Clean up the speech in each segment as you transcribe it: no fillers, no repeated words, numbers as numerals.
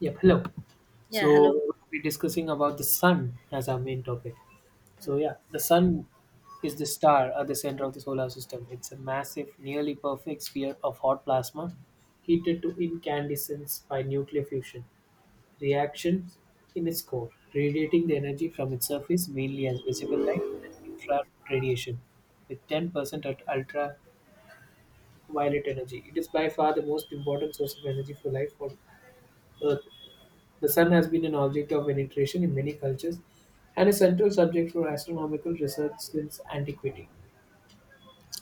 Yep, hello. Yeah, So hello. we're be discussing about the sun as our main topic. So yeah, the sun is the star at the center of the solar system. It's a massive, nearly perfect sphere of hot plasma heated to incandescence by nuclear fusion reactions in its core, radiating the energy from its surface mainly as visible light and infrared radiation with 10% at ultraviolet energy. It is by far the most important source of energy for life on Earth. The sun has been an object of veneration in many cultures and a central subject for astronomical research since antiquity.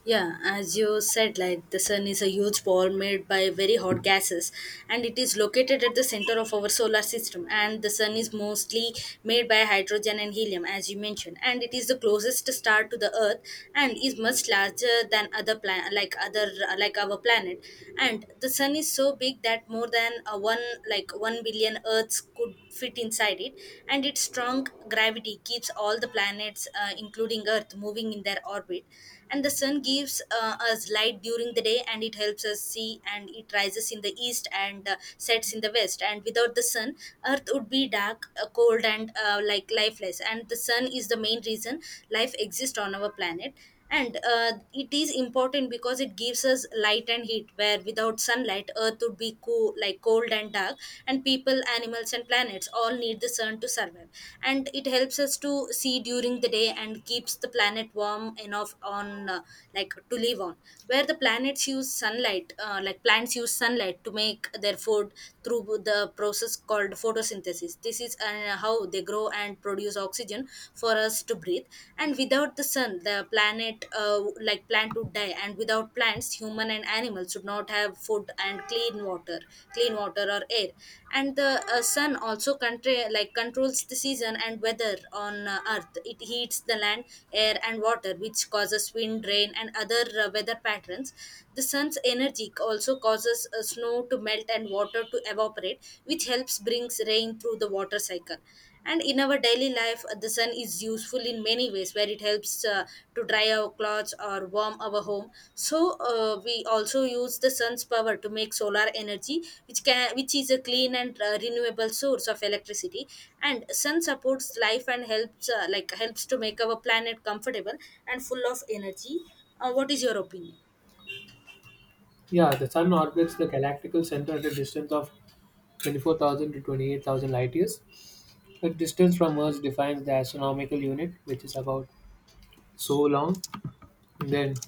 Yeah, as you said, like the sun is a huge ball made by very hot gases, and it is located at the center of our solar system. And the sun is mostly made by hydrogen and helium, as you mentioned, and it is the closest star to the Earth, and is much larger than other like our planet. And the sun is so big that more than a one like 1 billion Earths could fit inside it, and its strong gravity keeps all the planets, including Earth, moving in their orbit. And the sun gives us light during the day, and it helps us see, and it rises in the east and sets in the west. And without the sun, earth would be dark, cold and like lifeless. And the sun is the main reason life exists on our planet. And it is important because it gives us light and heat, where without sunlight earth would be cold and dark. And people, animals and planets all need the sun to survive. And it helps us to see during the day and keeps the planet warm enough on like to live on, where the planets use sunlight like plants use sunlight to make their food through the process called photosynthesis. This is how they grow and produce oxygen for us to breathe. And without the sun, the planet like plants and to die, and without plants, human and animals should not have food and clean water or air. And the sun also controls the season and weather on earth. It heats the land, air and water, which causes wind, rain and other weather patterns. The sun's energy also causes snow to melt and water to evaporate, which helps brings rain through the water cycle. And in our daily life, the sun is useful in many ways, where it helps to dry our clothes or warm our home. So we also use the sun's power to make solar energy, which can which is a clean and renewable source of electricity. And sun supports life and helps helps to make our planet comfortable and full of energy. What is your opinion? Yeah, the sun orbits the galactical center at a distance of 24,000 to 28,000 light years. The distance from Earth defines the astronomical unit, which is about so long. Then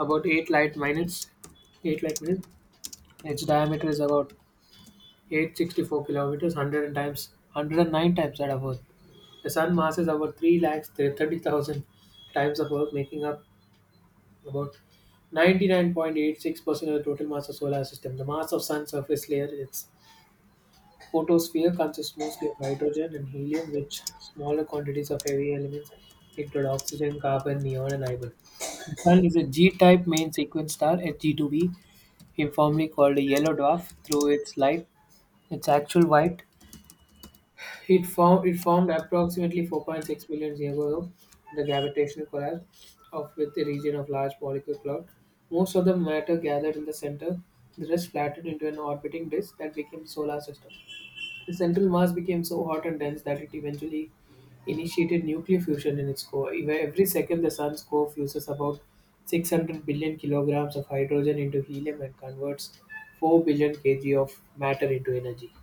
about 8 light minutes. Its diameter is about 864 kilometers, 100 times 109 times that of Earth. The sun mass is about 3 lakhs 30,000 times of Earth, making up about 99.86% of the total mass of solar system. The mass of Sun surface layer, its photosphere, consists mostly of hydrogen and helium, which smaller quantities of heavy elements include oxygen, carbon, neon, and iron. The sun is a G-type main sequence star, H G 2 b informally called a yellow dwarf, through its light, its actual white, it formed approximately 4.6 million years ago, the gravitational collapse of with the region of large molecular cloud. Most of the matter gathered in the center, the rest flattened into an orbiting disk that became the solar system. The central mass became so hot and dense that it eventually initiated nuclear fusion in its core. Every second, the sun's core fuses about 600 billion kilograms of hydrogen into helium and converts 4 billion kg of matter into energy.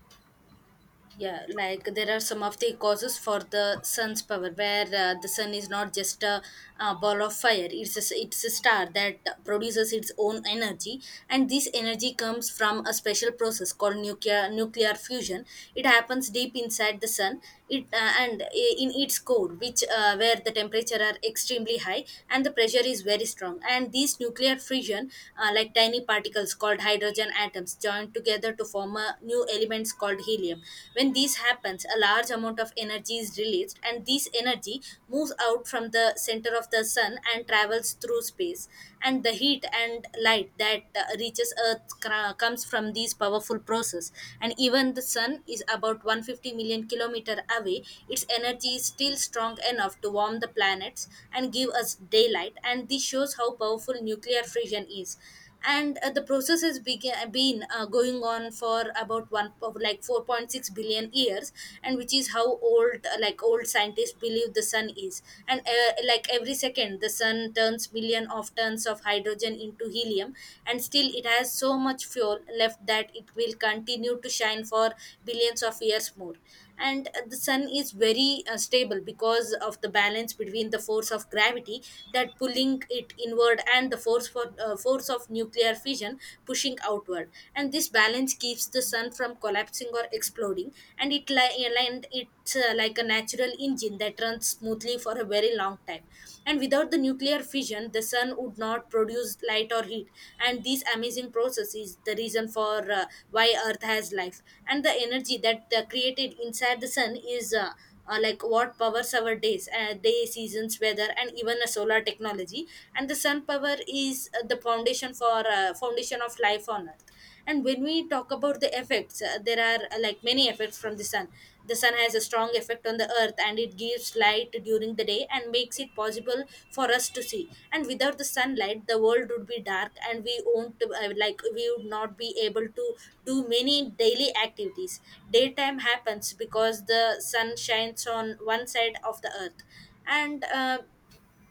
Yeah, like there are some of the causes for the sun's power, where the sun is not just a ball of fire. It's a star that produces its own energy, and this energy comes from a special process called nuclear fusion. It happens deep inside the sun. In its core, which where the temperature are extremely high and the pressure is very strong. And these nuclear fusion, tiny particles called hydrogen atoms join together to form a new elements called helium. When this happens, a large amount of energy is released, and this energy moves out from the center of the sun and travels through space. And the heat and light that reaches Earth comes from this powerful process. And even the sun is about 150 million kilometer away, its energy is still strong enough to warm the planets and give us daylight. And this shows how powerful nuclear fission is. And the process has been going on for about one of like 4.6 billion years, and which is how old scientists believe the sun is. And every second the sun turns million of tons of hydrogen into helium, and still it has so much fuel left that it will continue to shine for billions of years more. And the sun is very stable because of the balance between the force of gravity that pulling it inward and the force of nuclear fission pushing outward. And this balance keeps the sun from collapsing or exploding, and it li- and it's like a natural engine that runs smoothly for a very long time. And without the nuclear fission, the sun would not produce light or heat, and these amazing process is the reason for uh, why earth has life. And the energy that created inside the sun is what powers our day, seasons, weather and even a solar technology. And the sun power is the foundation of life on earth. And when we talk about the effects, there are many effects from the sun. The sun has a strong effect on the earth, and it gives light during the day and makes it possible for us to see. And without the sunlight, the world would be dark, and we won't like we would not be able to do many daily activities. Daytime happens because the sun shines on one side of the earth. And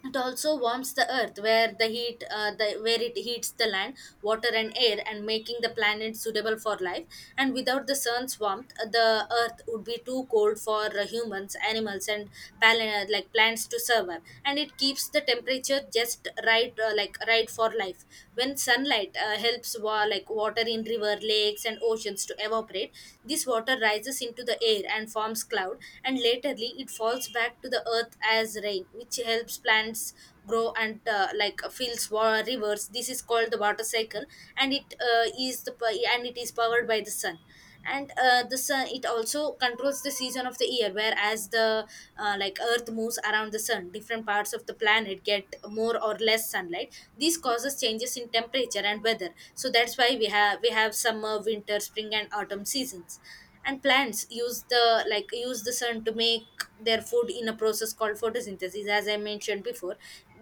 it also warms the earth, where where it heats the land, water and air, and making the planet suitable for life. And without the sun's warmth, the earth would be too cold for humans, animals and pal- plants to survive. And it keeps the temperature just right, right for life. When sunlight helps water in river, lakes and oceans to evaporate, this water rises into the air and forms cloud, and laterly it falls back to the earth as rain, which helps plants grow and rivers. This is called the water cycle, and it is powered by the sun. And the sun it also controls the season of the year, whereas the, earth moves around the sun, different parts of the planet get more or less sunlight. This causes changes in temperature and weather, so that's why we have summer, winter, spring and autumn seasons. And plants use the like use the sun to make their food in a process called photosynthesis, as I mentioned before.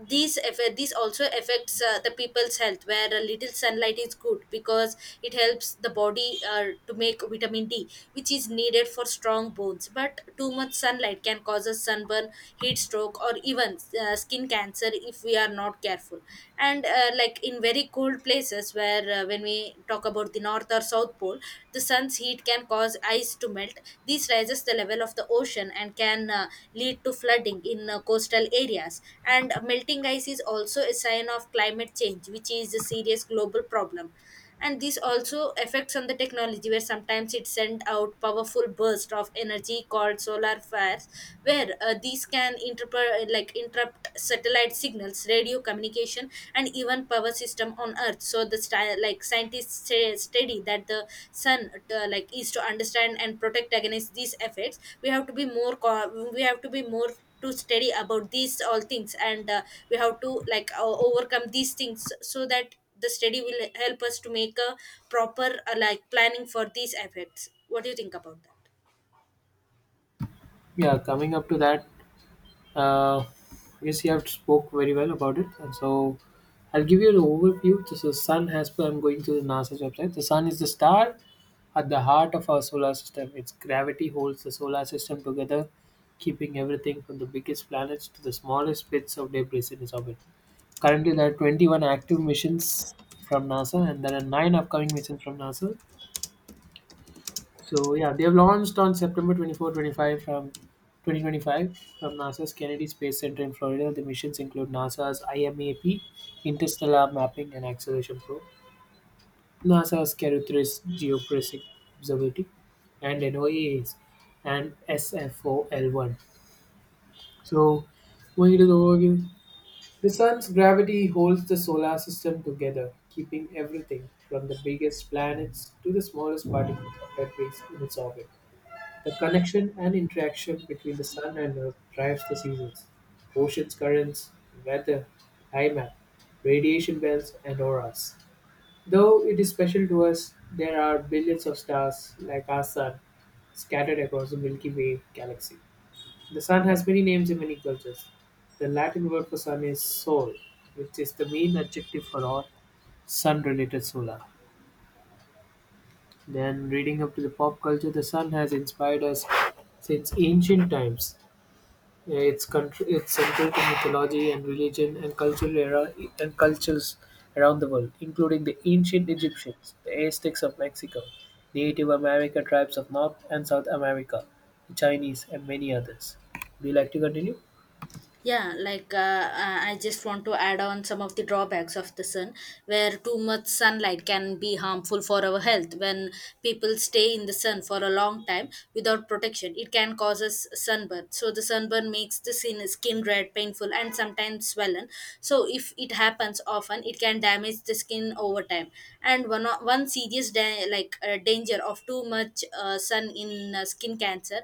These also affects the people's health, where a little sunlight is good because it helps the body to make vitamin D, which is needed for strong bones. But too much sunlight can cause a sunburn, heat stroke or even skin cancer if we are not careful. And in very cold places, where when we talk about the north or south pole, the sun's heat can cause ice to melt. This raises the level of the ocean and can lead to flooding in coastal areas. And melting ice is also a sign of climate change, which is a serious global problem. And this also affects on the technology, where sometimes it send out powerful burst of energy called solar flares, where these can interrupt satellite signals, radio communication and even power system on earth. So the style like scientists say, study that the sun is to understand and protect against these effects. We have to be we have to be more to study about these all things. And we have to overcome these things, so that the study will help us to make a proper planning for these effects. What do you think about that? Yeah, coming up to that, Uh, yes, you have spoke very well about it. And so I'll give you an overview. This is sun has, per I'm going to the NASA's website. The sun is the star at the heart of our solar system. Its gravity holds the solar system together, keeping everything from the biggest planets to the smallest bits of debris in its orbit. Currently, there are 21 active missions from NASA, and there are nine upcoming missions from NASA, so yeah, they've launched on September 24, 25 from 2025 from NASA's Kennedy Space Center in Florida. The missions include NASA's IMAP, Interstellar Mapping and Acceleration Probe, NASA's Carutheris Geophysics Observatory, and NOAA's and SFOL1. So going to the overview, the sun's gravity holds the solar system together, keeping everything from the biggest planets to the smallest particles of debris in its orbit. The connection and interaction between the sun and earth drives the seasons, oceans currents, weather, climate, radiation belts, and auras. Though it is special to us, there are billions of stars like our sun scattered across the Milky Way galaxy. The sun has many names in many cultures. The Latin word for sun is sol, which is the main adjective for all sun related solar. Then, reading up to the pop culture, the sun has inspired us since ancient times. Yeah, it's country, it's central to mythology and religion and cultural era and cultures around the world, including the ancient Egyptians, the Aztecs of Mexico, the Native America tribes of North and South America, the Chinese, and many others. Do you like to continue? Yeah, I just want to add on some of the drawbacks of the sun, where too much sunlight can be harmful for our health. When people stay in the sun for a long time without protection, it can cause us sunburn. So the sunburn makes the skin red, painful, and sometimes swollen. So if it happens often, it can damage the skin over time. And one serious danger of too much sun in skin cancer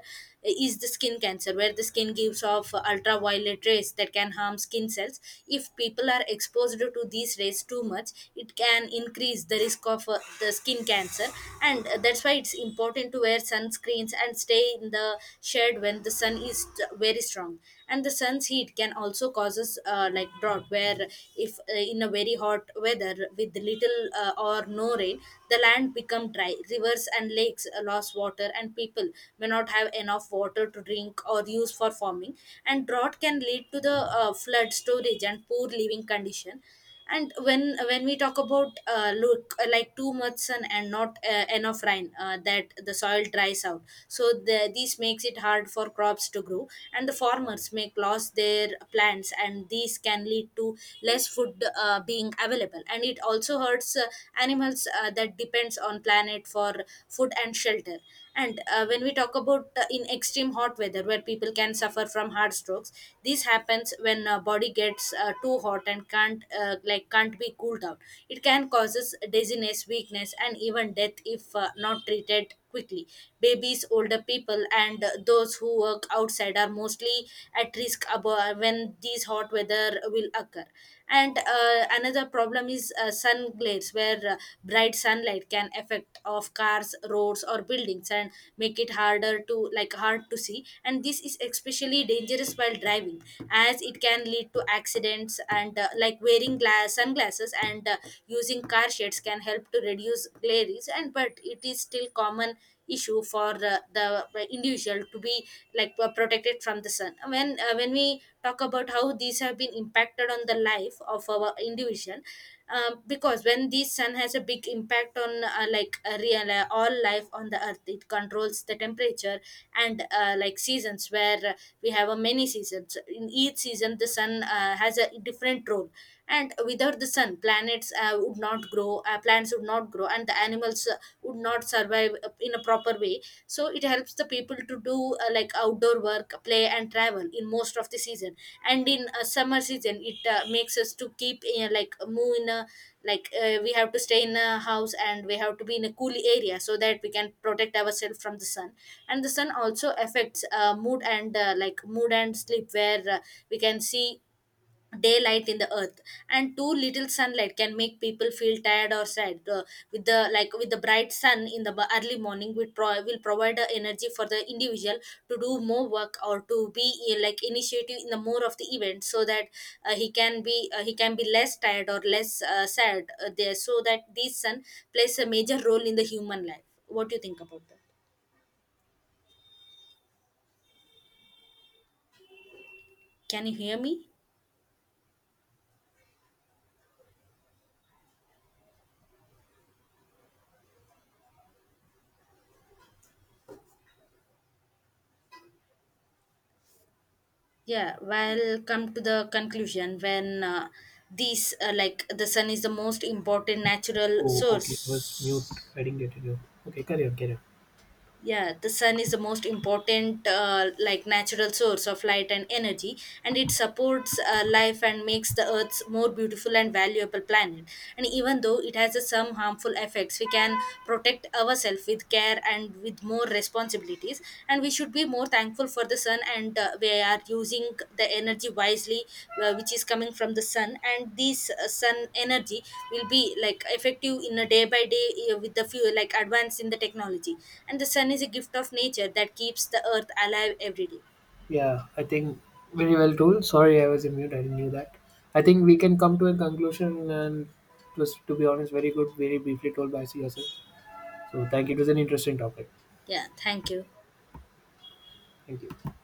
is the skin cancer, where the skin gives off ultraviolet rays that can harm skin cells. If people are exposed to these rays too much, it can increase the risk of the skin cancer. And That's why it's important to wear sunscreens and stay in the shade when the sun is very strong, and the sun's heat can also causes like drought. Where if in a very hot weather with little or no rain, the land become dry, rivers and lakes lost water and people may not have enough water to drink or use for farming, and drought can lead to the flood storage and poor living condition. And when we talk about look like too much sun and not enough rain, that the soil dries out. So this makes it hard for crops to grow, and the farmers make lose their plants, and these can lead to less food being available. And it also hurts animals that depends on planet for food and shelter. And when we talk about in extreme hot weather, where people can suffer from heart strokes, this happens when body gets too hot and can't can't be cooled down. It can causes dizziness, weakness, and even death if not treated quickly. Babies, older people, and those who work outside are mostly at risk when these hot weather will occur. And another problem is sun glares, where bright sunlight can affect of cars, roads or buildings and make it harder to hard to see, and this is especially dangerous while driving, as it can lead to accidents. And like wearing glass sunglasses and using car shades can help to reduce glares, and but it is still common issue for the individual to be protected from the sun. When when we talk about how these have been impacted on the life of our individual, because when the sun has a big impact on like a real all life on the earth, it controls the temperature and like seasons. Where we have a many seasons, in each season the sun has a different role. And without the sun, planets would not grow plants would not grow and the animals would not survive in a proper way. So it helps the people to do like outdoor work, play and travel in most of the season. And in summer season it makes us to keep like move in a like we have to stay in a house and we have to be in a cool area so that we can protect ourselves from the sun. And the sun also affects mood and sleep, where we can see daylight in the earth, and too little sunlight can make people feel tired or sad. With the like with the bright sun in the early morning, will provide the energy for the individual to do more work or to be like initiative in the more of the event, so that he can be less tired or less sad there. So that this sun plays a major role in the human life. What do you think about that? Can you hear me? Yeah, well, come to the conclusion when these like the sun is the most important natural Oh, okay. I was mute. source. I didn't get to know. Okay, carry on, carry on. Yeah, the sun is the most important natural source of light and energy, and it supports life and makes the earth's more beautiful and valuable planet. And even though it has a some harmful effects, we can protect ourselves with care and with more responsibilities. And we should be more thankful for the sun, and we are using the energy wisely, which is coming from the sun. And this sun energy will be like effective in a day by day, with the few like advance in the technology. And the sun is a gift of nature that keeps the earth alive every day. Yeah, I think very well told. Sorry, I was in mute. I didn't knew that. I think we can come to a conclusion and it was, to be honest, very good, very briefly told by yourself. So thank you. It was an interesting topic. Yeah, thank you. Thank you.